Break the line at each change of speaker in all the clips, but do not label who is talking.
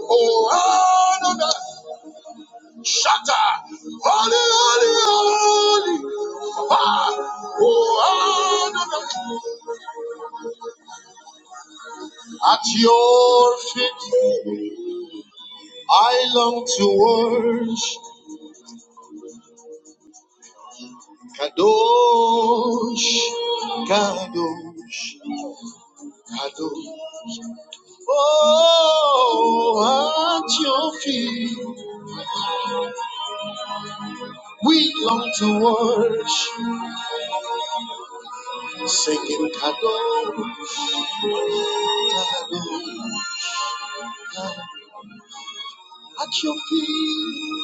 Oh, Adonai. Shatter. Holy, holy, holy. Oh, Adonai. At your feet, I long to worship. Kadosh, Kadosh, Kadosh. Oh, at your feet, we long to worship. Singing Kadosh, Kadosh. At your feet.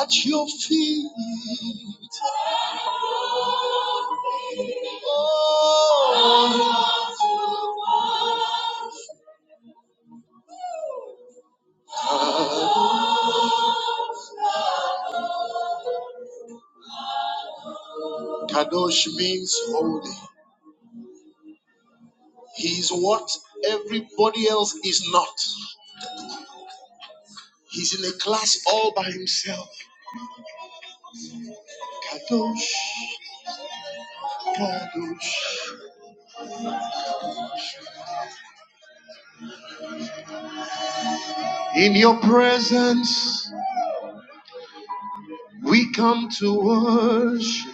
At your feet, Kadosh means holy. He's what everybody else is not. He's in a class all by himself. Kadosh, Kadosh. In your presence, we come to worship.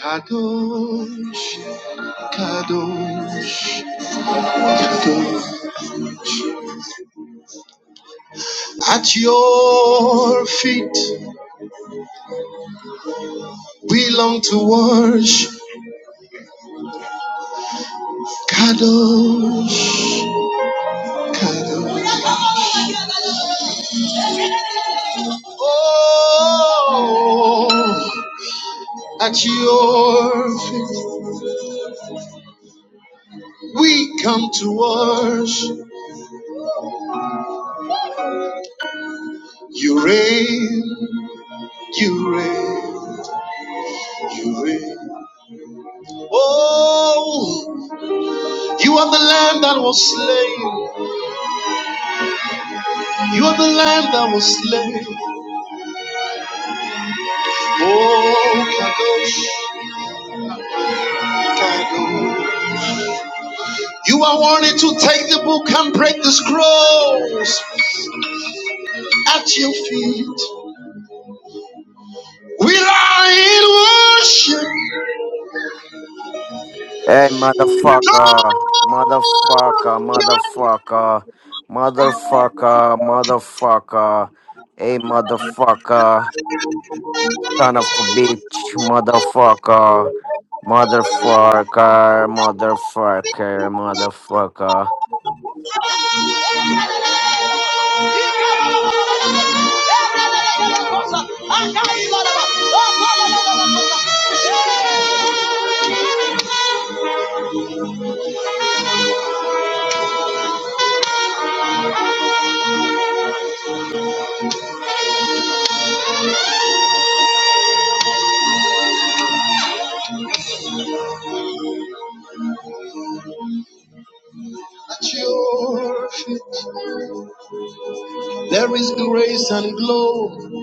Kadosh, Kadosh, Kadosh. At your feet, we long to worship. Kadosh, Kadosh. Oh, at your feet we come to worship. You reign, you reign, you reign. Oh, you are the lamb that was slain. You are the lamb that was slain. Oh, Kadosh, Kadosh. You are wanting to take the book and break the scrolls at your feet. We lie in worship.
Hey, motherfucker, motherfucker, motherfucker, motherfucker, motherfucker. Hey, motherfucker, son of a bitch, motherfucker, motherfucker, motherfucker, motherfucker.
At your feet there is grace and glory.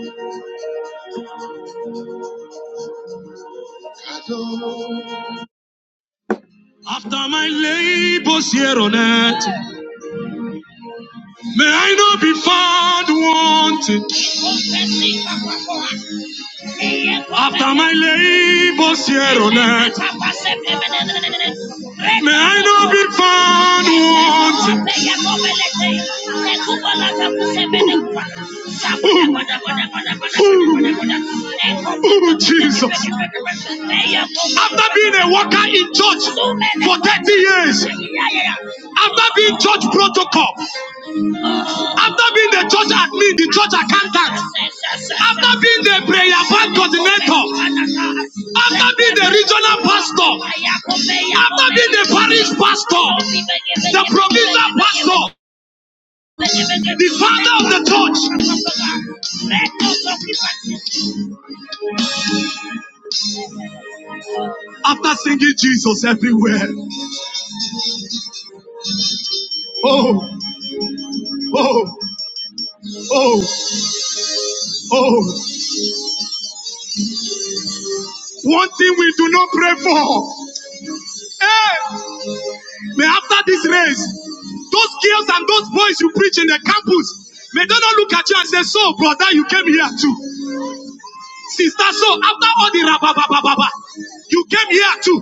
After my labors here on earth, may I not be found wanting. After my labors here on earth, may I not be found wanting. Oh, oh, Jesus. After being a worker in church for 30 years, after being church protocol, after being the church admin, the church accountant, after being the prayer band coordinator, after being the regional pastor, after being the parish pastor, the provincial pastor, the father of the church, after singing Jesus everywhere. Oh, oh, oh, oh. One thing we do not pray for. Hey, May after this race, those girls and those boys you preach in the campus, may they not look at you and say, So, brother, you came here too. Sister, so after all the rabababababa, you came here too.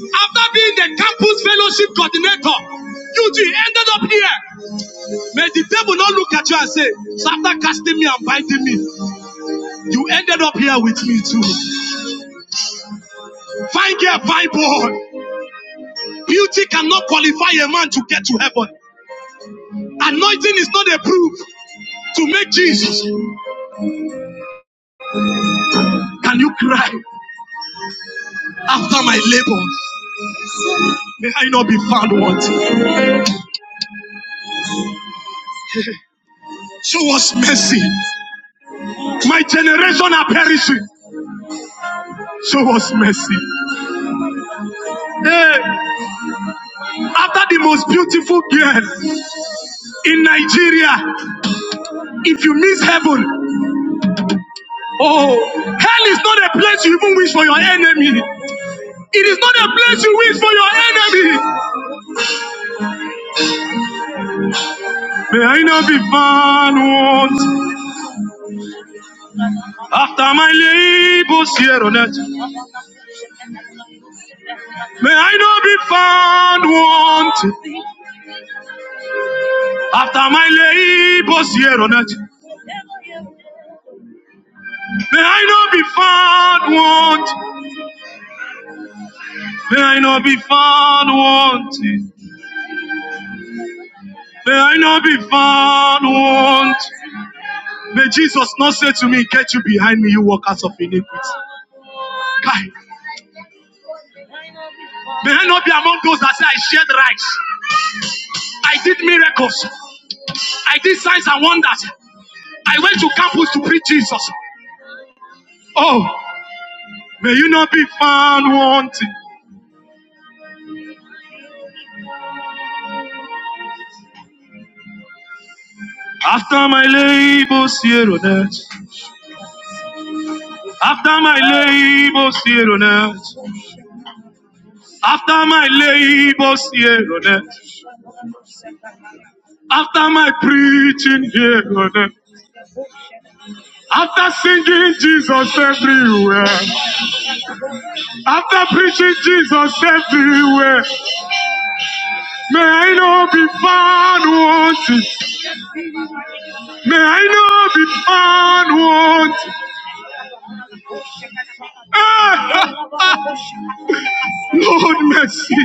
After being the campus fellowship coordinator, you too ended up here. May the devil not look at you and say, "So after casting me and binding me, you ended up here with me too. Fine girl, fine boy. Beauty cannot qualify a man to get to heaven. Anointing is not a proof to make Jesus. Can you cry after my labor? May I not be found wanting. Show us mercy. My generation are perishing. Show us mercy. Hey, after the most beautiful girl in Nigeria, if you miss heaven, oh, hell is not a place you even wish for your enemy. It is not a place you wish for your enemy. May I not be found wanting after my labors here on earth. May I not be found wanting. After my labors here on earth, may I not be found want. May I not be found wanting. May I not be found wanting? May Jesus not say to me, Get you behind me, you workers of iniquity. Kai, May I not be among those that say I shared rights. I did miracles. I did signs and wonders. I went to campus to preach Jesus. Oh, may you not be found wanting. After my labors here on earth. After my labors here on earth, after my labors here on earth, after my preaching here on earth, after singing Jesus everywhere, after preaching Jesus everywhere, may I not be found wanting, may I not be found wanting. Ah! Lord, mercy.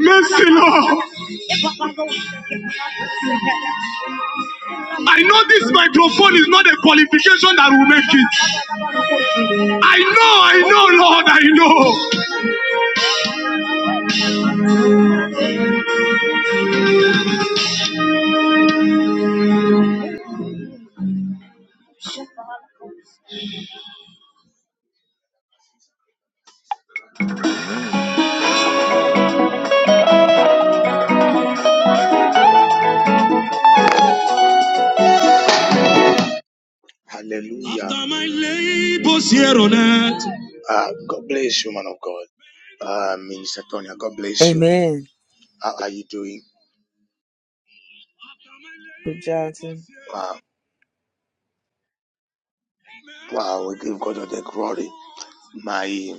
Mercy, Lord. I know this microphone is not a qualification that will make it. I know, I know, Lord, I know. Hallelujah. After my labors here on earth. Ah, God bless you, man of God. Uh, Minister Tonya, God bless you.
Amen.
How are you doing?
Mr. Johnson.
Wow, wow, we give God all the glory. My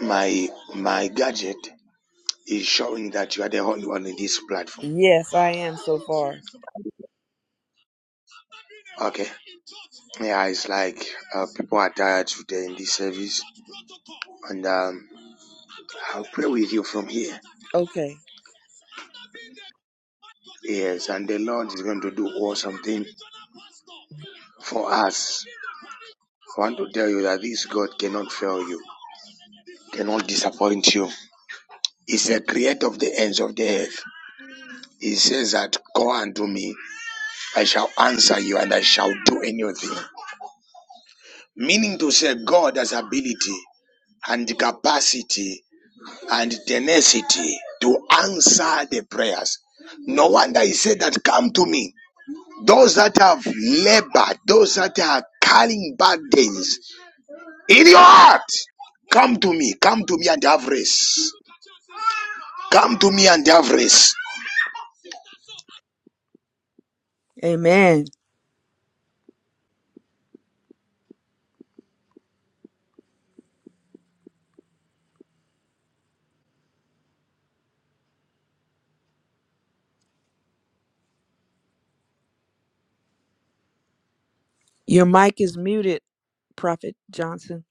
my my gadget is showing that you are the only one in this platform.
Yes, I am so far.
Okay. Yeah, it's like uh, people are tired today in this service, and um, I'll pray with you from here.
Okay.
Yes, and the Lord is going to do awesome thing for us. I want to tell you that this God cannot fail you, cannot disappoint you. He's the creator of the ends of the earth. He says that, Go unto me, I shall answer you, and I shall do anything. Meaning to say, God has ability and capacity and tenacity to answer the prayers. No wonder he said that come to me. Those that have labored, those that are carrying burdens.
Amen. Your mic is muted, Prophet Johnson.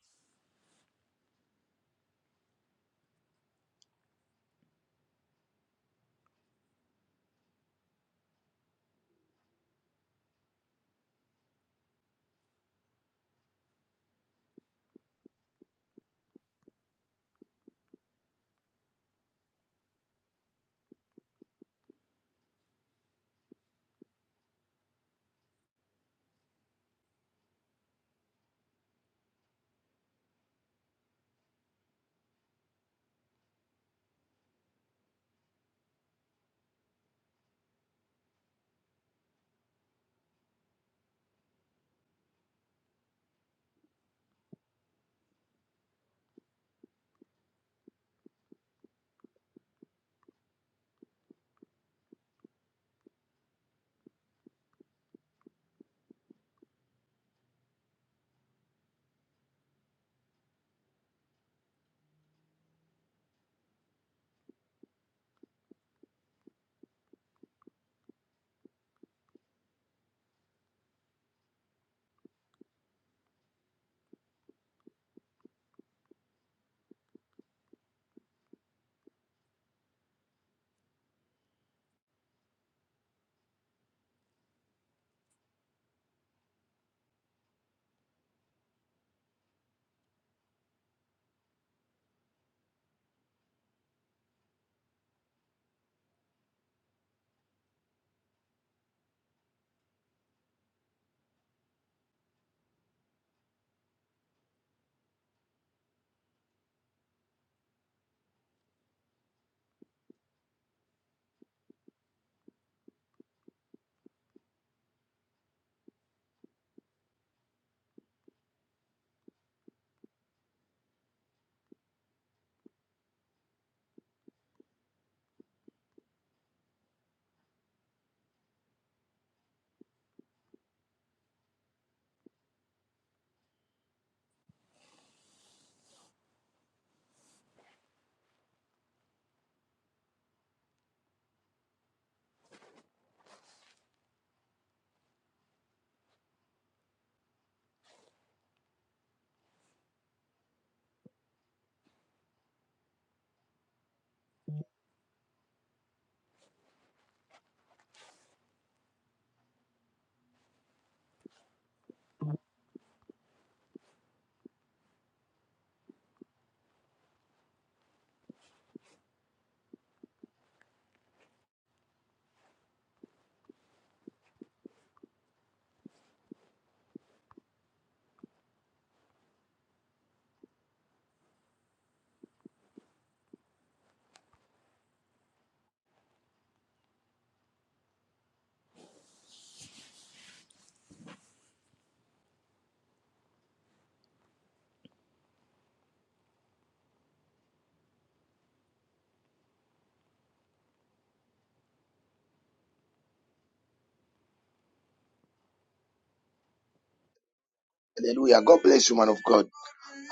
Hallelujah. God bless you, man of God.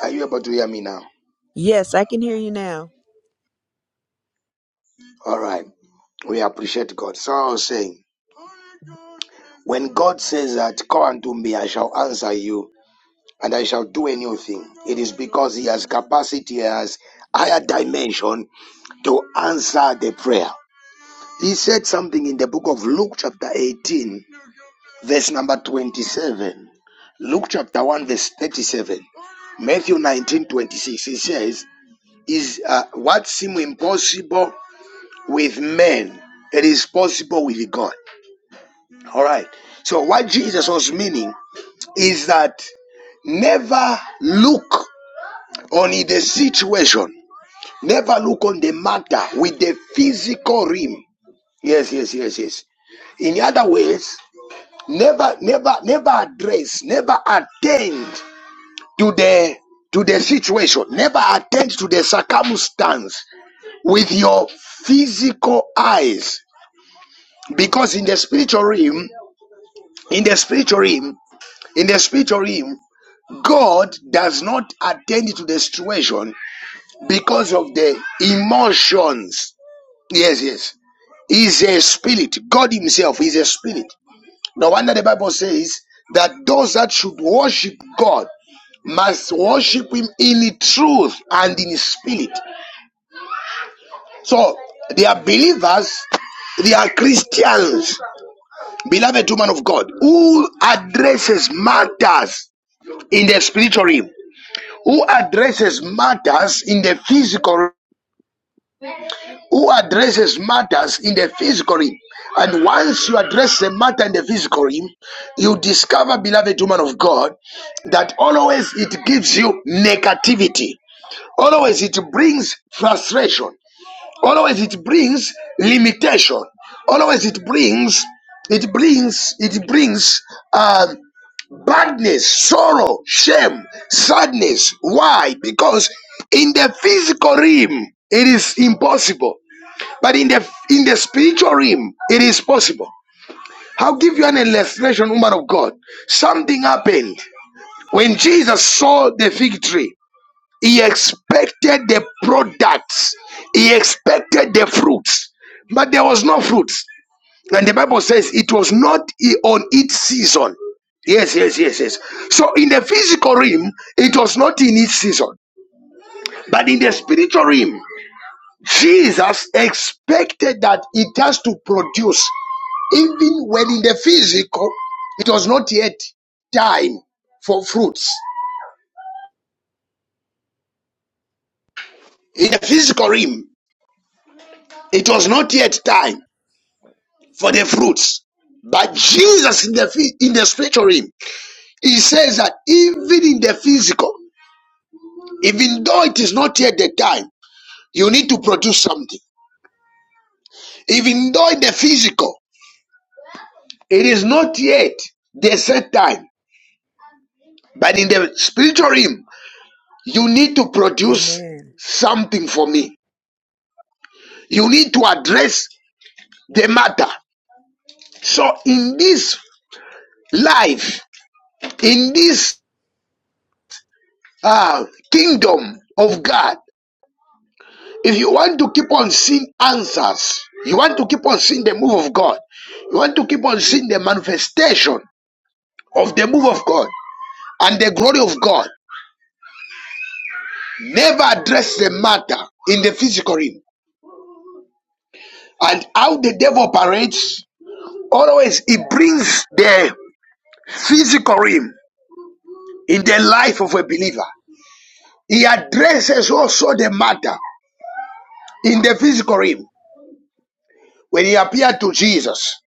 Are you able now?
Yes, I can hear you now.
All right. We appreciate God. So I was saying, when God says that, Come unto me, I shall answer you, and I shall do a new thing, it is because He has capacity, He has higher dimension to answer the prayer. He said something in the book of Luke, chapter 18, verse number 27. Luke, chapter 1, verse 37. Matthew 19 26. He says, Is uh, what seems impossible with men, it is possible with God. All right. So, what Jesus was meaning is that never look on the situation, never look on the matter with the physical realm. Yes, yes, yes, yes. In other words, never never never addressed, never attained that those that should worship god must worship him in truth and in spirit so they are believers they are christians beloved woman of god who addresses matters in the spiritual realm who addresses matters in the physical realm who addresses matters in the physical realm and once you address evil. I'll give you an illustration, woman of God. Something happened. The fig tree. He expected the products. He expected the fruits, but there was no fruits. And the Bible says it was not on its own. Yes, yes, yes, yes. So in the film, in its season, but in the spiritual realm, Jesus expected that it has to produce, even when in the physical, it was not yet time for fruits in the physical realm. It was not yet time for the fruits. But Jesus in the in the spiritual realm, he says that even in the physical, even though it is not yet the time, you need to produce something. Even though in the physical, it is not yet the set time. But in the spiritual realm, you need to produce
Amen.
something for me. You need to address the matter. So in this life, in this uh, kingdom of God, If you want to keep on seeing answers, you want to keep on seeing the move of God, you want to keep on seeing the manifestation of the move of God and the glory of God, never address the matter in the physical realm. And how the devil operates, always he brings the physical realm in the life of a believer. He addresses also the matter in the physical realm. When he appeared to Jesus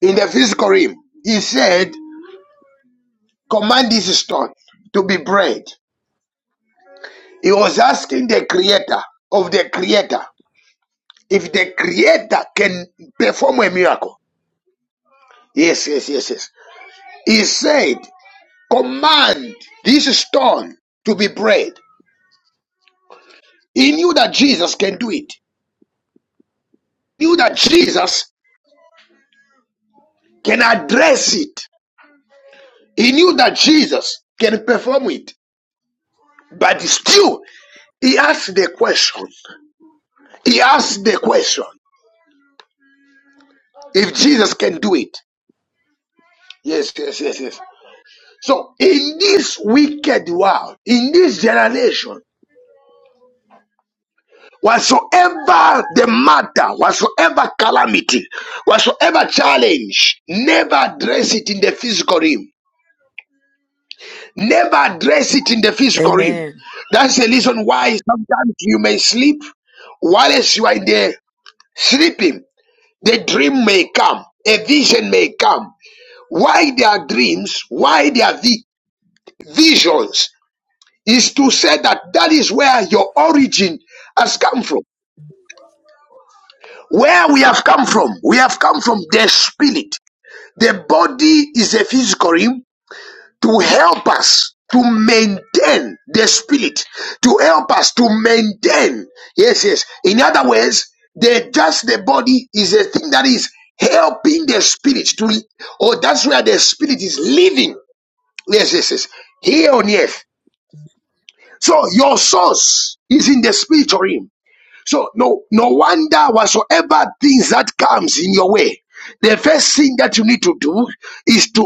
in the physical realm, he said, Command this stone to be bread. He was asking the creator of the creator if the creator can perform a miracle. Yes, yes, yes, yes. He said, Command this stone to be bread. He knew that Jesus can do it. He knew that Jesus can address it. He knew that Jesus can perform it. But still, he asked the question. He asked the question if Jesus can do it. Yes, yes, yes, yes. So in this wicked world, in this generation, whatsoever the matter, whatsoever calamity, whatsoever challenge, never address it in the physical realm. Never address it in the physical realm.
Amen.
That's the reason why sometimes you may sleep whilst you are in there sleeping. The dream may come, a vision may come. Why there are dreams? Why there are vi- visions? is to say that that is where your origin has come from. Where we have come from, we have come from the spirit. The body is a physical realm to help us to maintain the spirit, to help us to maintain. Yes, yes. In other words, the just the body is a thing that is helping the spirit to, or that's where the spirit is living. Yes, yes, yes. Here on earth. So your source is in the spiritual realm. So no, no wonder whatsoever things that comes in your way, the first thing that you need to do is to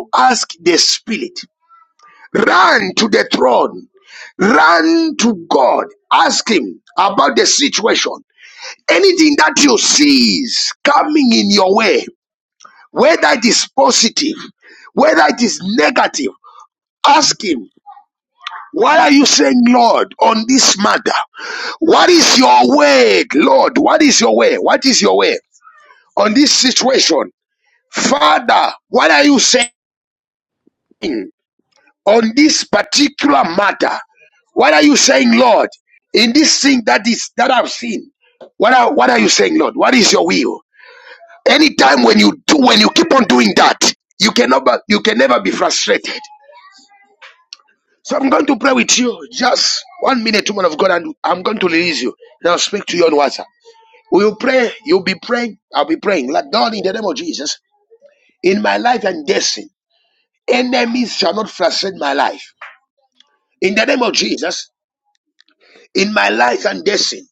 pray. You'll be praying. I'll be praying. Like God in the name of Jesus, in my life and destiny, enemies shall not frustrate my life. In the name of Jesus, in my life and destiny.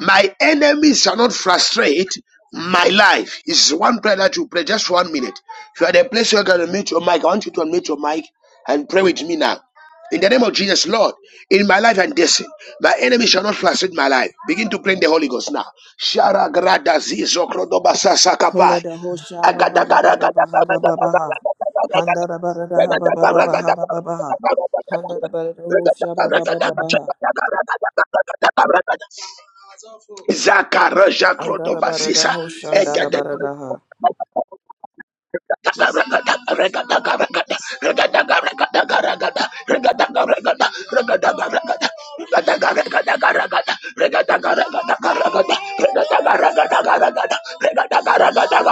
My enemy shall not frustrate my life. It's one prayer that you pray, just one minute. If you are at a place where you can unmute your mic, I want you to unmute your mic and pray with me now. In the name of Jesus, Lord, in my life and destiny, my enemy shall not into
Hola da hosha ra ba ba ba ba ba ha ba ba ba ha. Handa da ba da da ha ba ba ba ba ha ba ba ba ha. Handa da ba da da hosha ba ba ba ba ba ha. Anda da ba da da hosha anda da ba da da ha.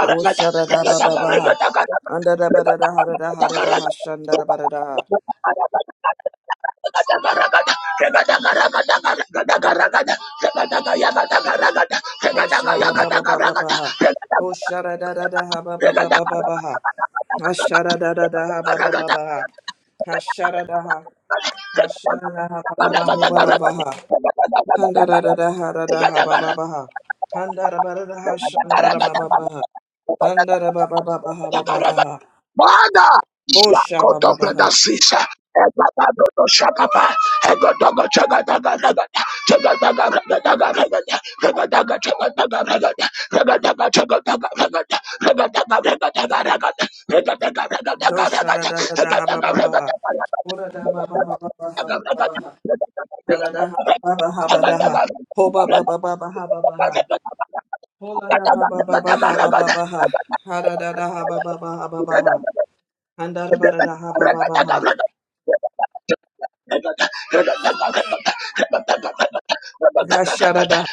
Hosha da da ba ba ba ha. Anda da ba da da ha da da ha da da ha shanda da ba da da ha. Hoshara ba ba ba ba ba ha. Hoshara da da da ha ba ba ba ba ba ba ha. Hashara da da da ha ba ba ba ba ha. Hashara da ha. Hashara da ha ba ba ba ho ba ba ba ha. Handa da da da ha da da ha ba ba ba ha. Handa da ba da da ha shanda da ba ba ba ha. Handa da ba ba ba ba ha ba ba ba ha. Hosha ba ba ba ha.
Kotopredasa.
Dosha da da da da ha ba ba ba ha. Ora da ba ba ba ba ba ha ba ba ba ha. Ada da ha ba ba ha ba da ha. Ho ba ba ba ba ba ha ba ba ha. Hola da ha ba ba ba ha ba ba ba ha. Ha da da da ha ba ba ba ha ba ba ha. Han da da ba da da ha ba ba ba ha. Ha sha da da.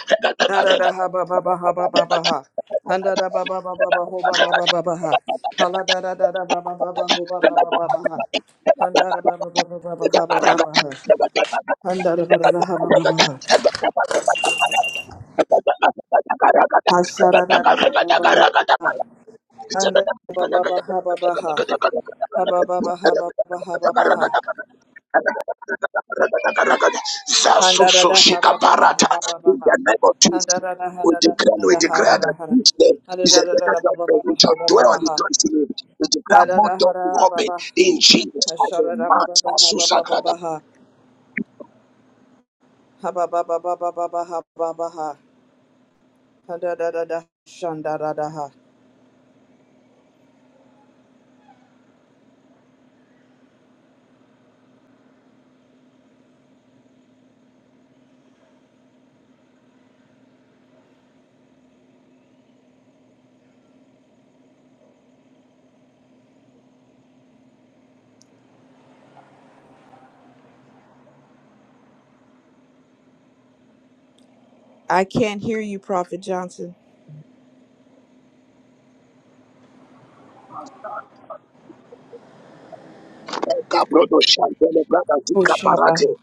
Da da da ha ba ba ba ha ba ba ba ha. Han da da ba ba ba ba ba ho ba ba ba ba ba ha. Ha la da da da da ba ba ba ba ho ba ba ba ba ba ha. Han da da ba ba ba ba ba ba ha ba ba ba ha. Han da da ba da da ha ba ba ba ha. Ha sha da da da ha ba ba ba ha. Han da da ba ba ba ha ba ba ha. Ha ba ba ba ha ba ba ba ha ba ba ha.
Zasuso
Handarada haba baba
shikaparata.
haba baba
In
ha.
the
Handarada harada harada harada hara. Handarada baba baba hoba baba ha. Adada hara baba. Hasharada baba haba baba baba ha. Haba baba baba baba ha baba ha. Handarada shandarada ha. I can't hear you, Prophet Johnson. Hushabaha.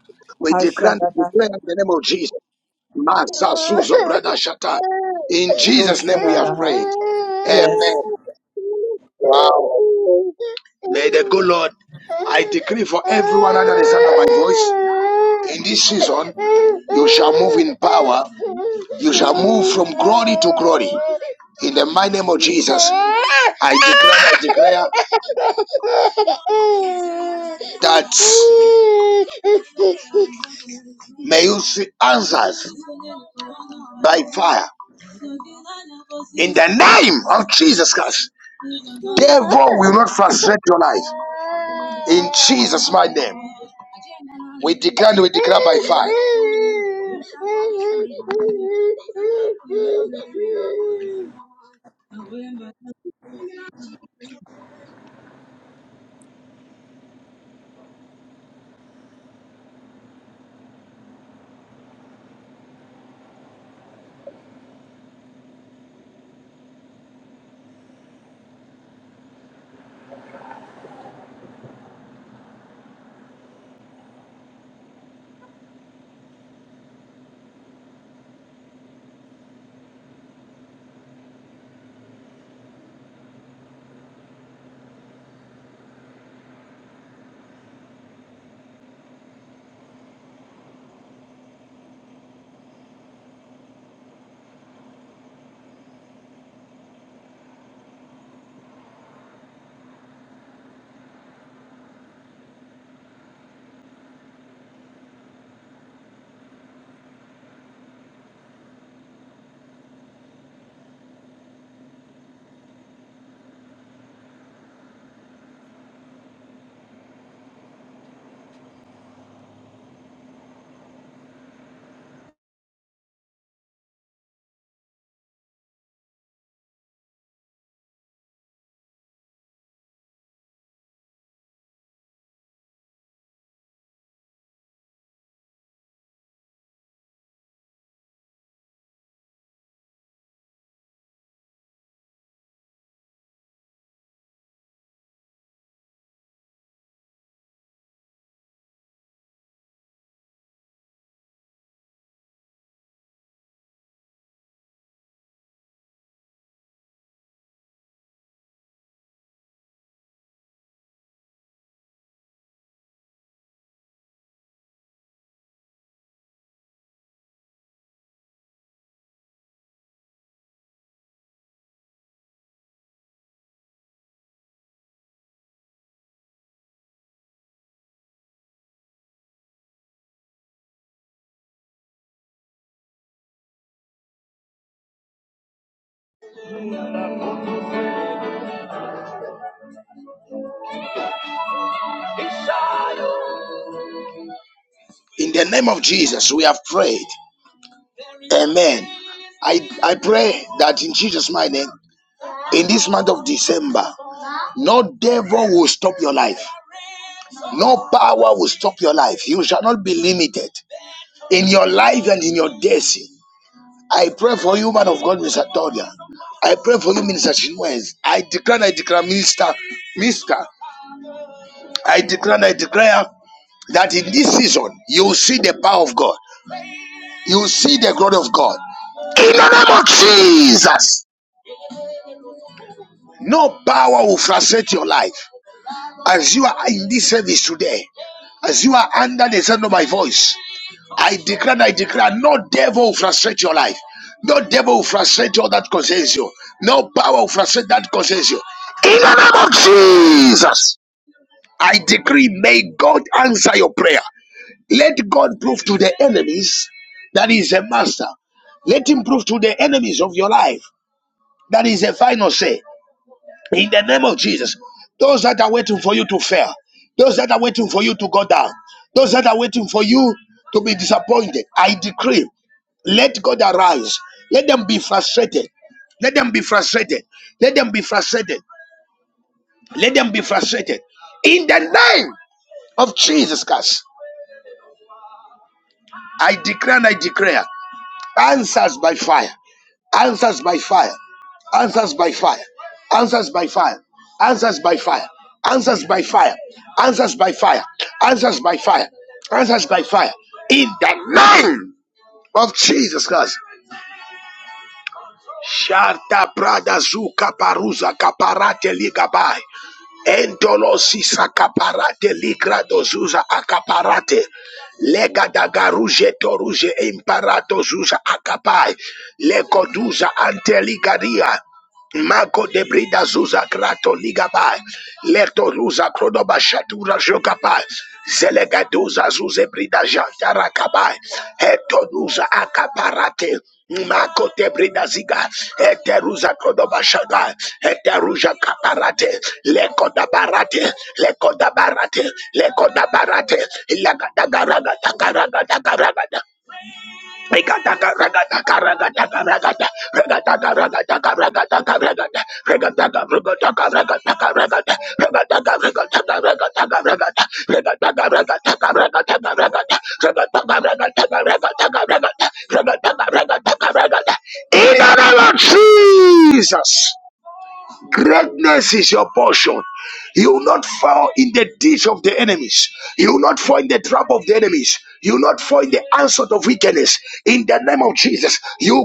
Hashadaha. Doshadaha. Yes.
name That may you see answers by fire. In the name of Jesus Christ, devil will not frustrate your life. In Jesus' mighty name, we declare and we declare by fire. In the name of Jesus, we have prayed. Amen. I, I pray that in Jesus' mighty name, in this month of December, no devil will stop your life. No power will stop your life. You shall not be limited in your life and in your destiny. I pray for you, man of God, Mr. Todia. I pray for you, Minister Chinwez. I declare, and I declare, Minister, Mister. I declare, and I declare that in this season you will see the power of God. You will see the glory of God. In the name of Jesus, no power will frustrate your life. As you are in this service today, as you are under the sound of my voice, I declare and I declare no devil will frustrate your life. No devil will frustrate all that concerns you. No power will frustrate that concerns you. In the name of Jesus, I decree, may God answer your prayer. Let God prove to the enemies that He is a master. Let Him prove to the enemies of your life that He is a final say. In the name of Jesus, those that are waiting for you to fail, those that are waiting for you to go down, those that are waiting for you to be disappointed, I decree, let God arise. Let them be frustrated. Let them be frustrated. Let them be frustrated. Let them be frustrated. In the name of Jesus Christ, I declare and I declare answers by fire, answers by fire, answers by fire, answers by fire, answers by fire, answers by fire, answers by fire. Your portion. You will not fall in the ditch. You will not trap of the enemies. You will not fall in the answer of wickedness. In the name of Jesus, you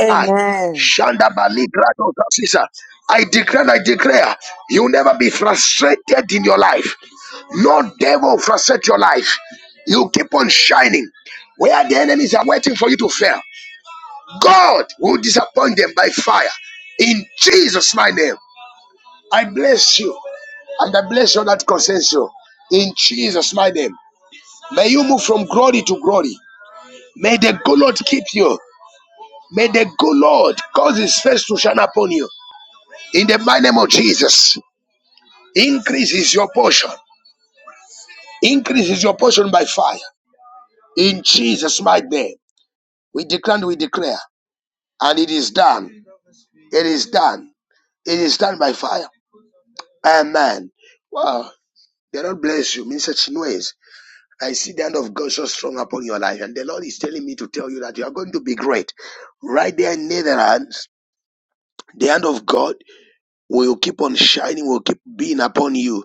Amen.
fire. Amen. Wow. The Lord bless you in such ways. I see the hand of God so strong upon your life, and the Lord is telling me to tell you that you are going to be great. Right there in Netherlands, the hand of God. will keep on shining, will keep being upon you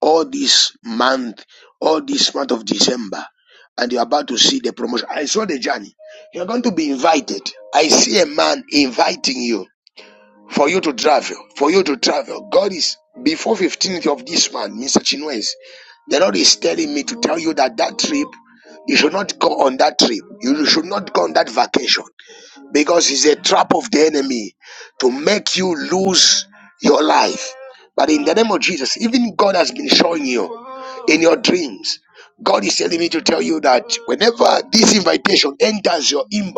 all this month, all this month of December. And you're about to see the promotion. I saw the journey. You're going to be invited. I see a man inviting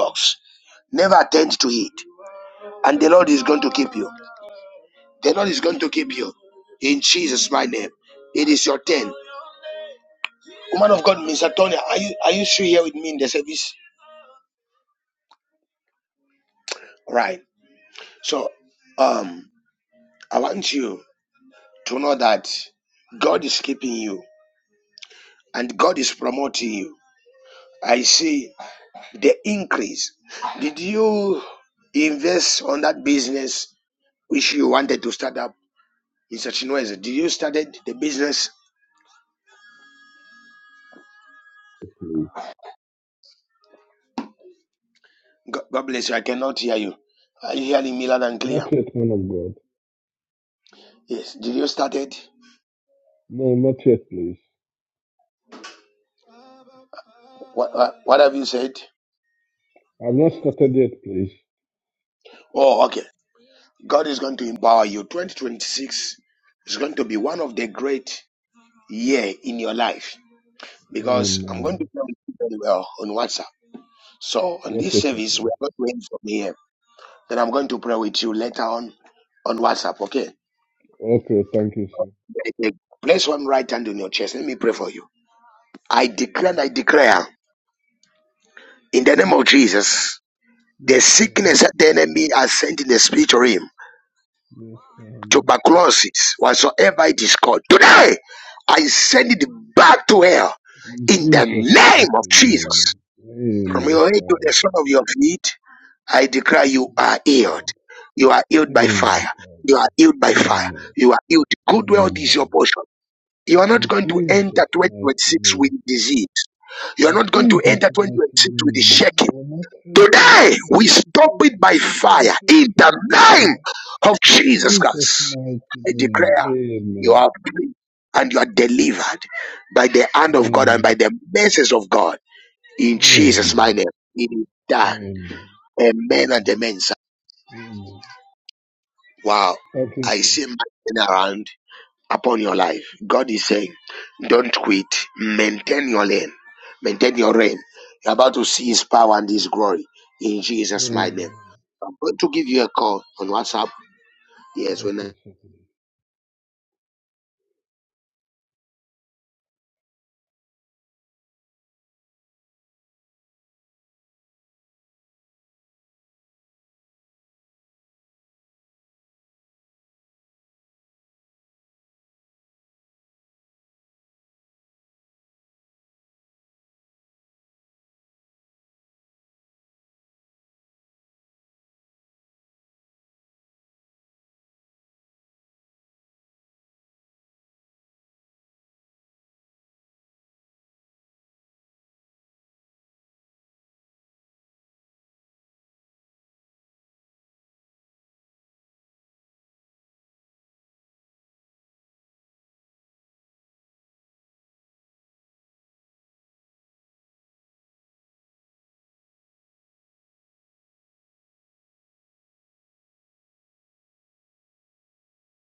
you. Never attend to it. And the Lord is going to keep you. The Lord is going to keep you. In Jesus' my name. It is your turn. Woman of God, Mr. Tonya, are you are you still here with me in the service? Right. So um I want you to know that God is keeping you. and God is promoting you. He is- oh,
please. Not yet, man of God. No, not yet, please.
What, what what have you said?
I've not started yet, please.
Oh, okay. God is going to empower you. 2026 is going to be one of the great year in your life because I'm going to
Amen.
pray with you very well on WhatsApp. So on this
Okay, sir,
service, we
please.
are going to end from here. Then I'm going to pray with you later on on WhatsApp. Okay.
Okay, thank you, sir.
Place one right hand on your chest. Let me pray for you. I declare and I declare in the name of Jesus. The
Yes, Lord.
sickness that the enemy has sent in the spiritual realm,
Yes, Father.
tuberculosis, whatsoever it is called. Today, I send it back to hell
In
in the
Jesus'
name of
mighty name.
Jesus. From
Amen,
your head to the
Father.
sole of your feet, I declare you
Yes,
are healed.
Lord.
You are healed by
Amen, Father. Amen. Amen. In Jesus' mighty name. In Jesus' mighty name. I will not enter into temptation, but every affliction, Father. In Jesus' mighty name. Amen. Amen. Amen. Amen. Amen. Amen. Thank you, sir. Amen. Okay, sir.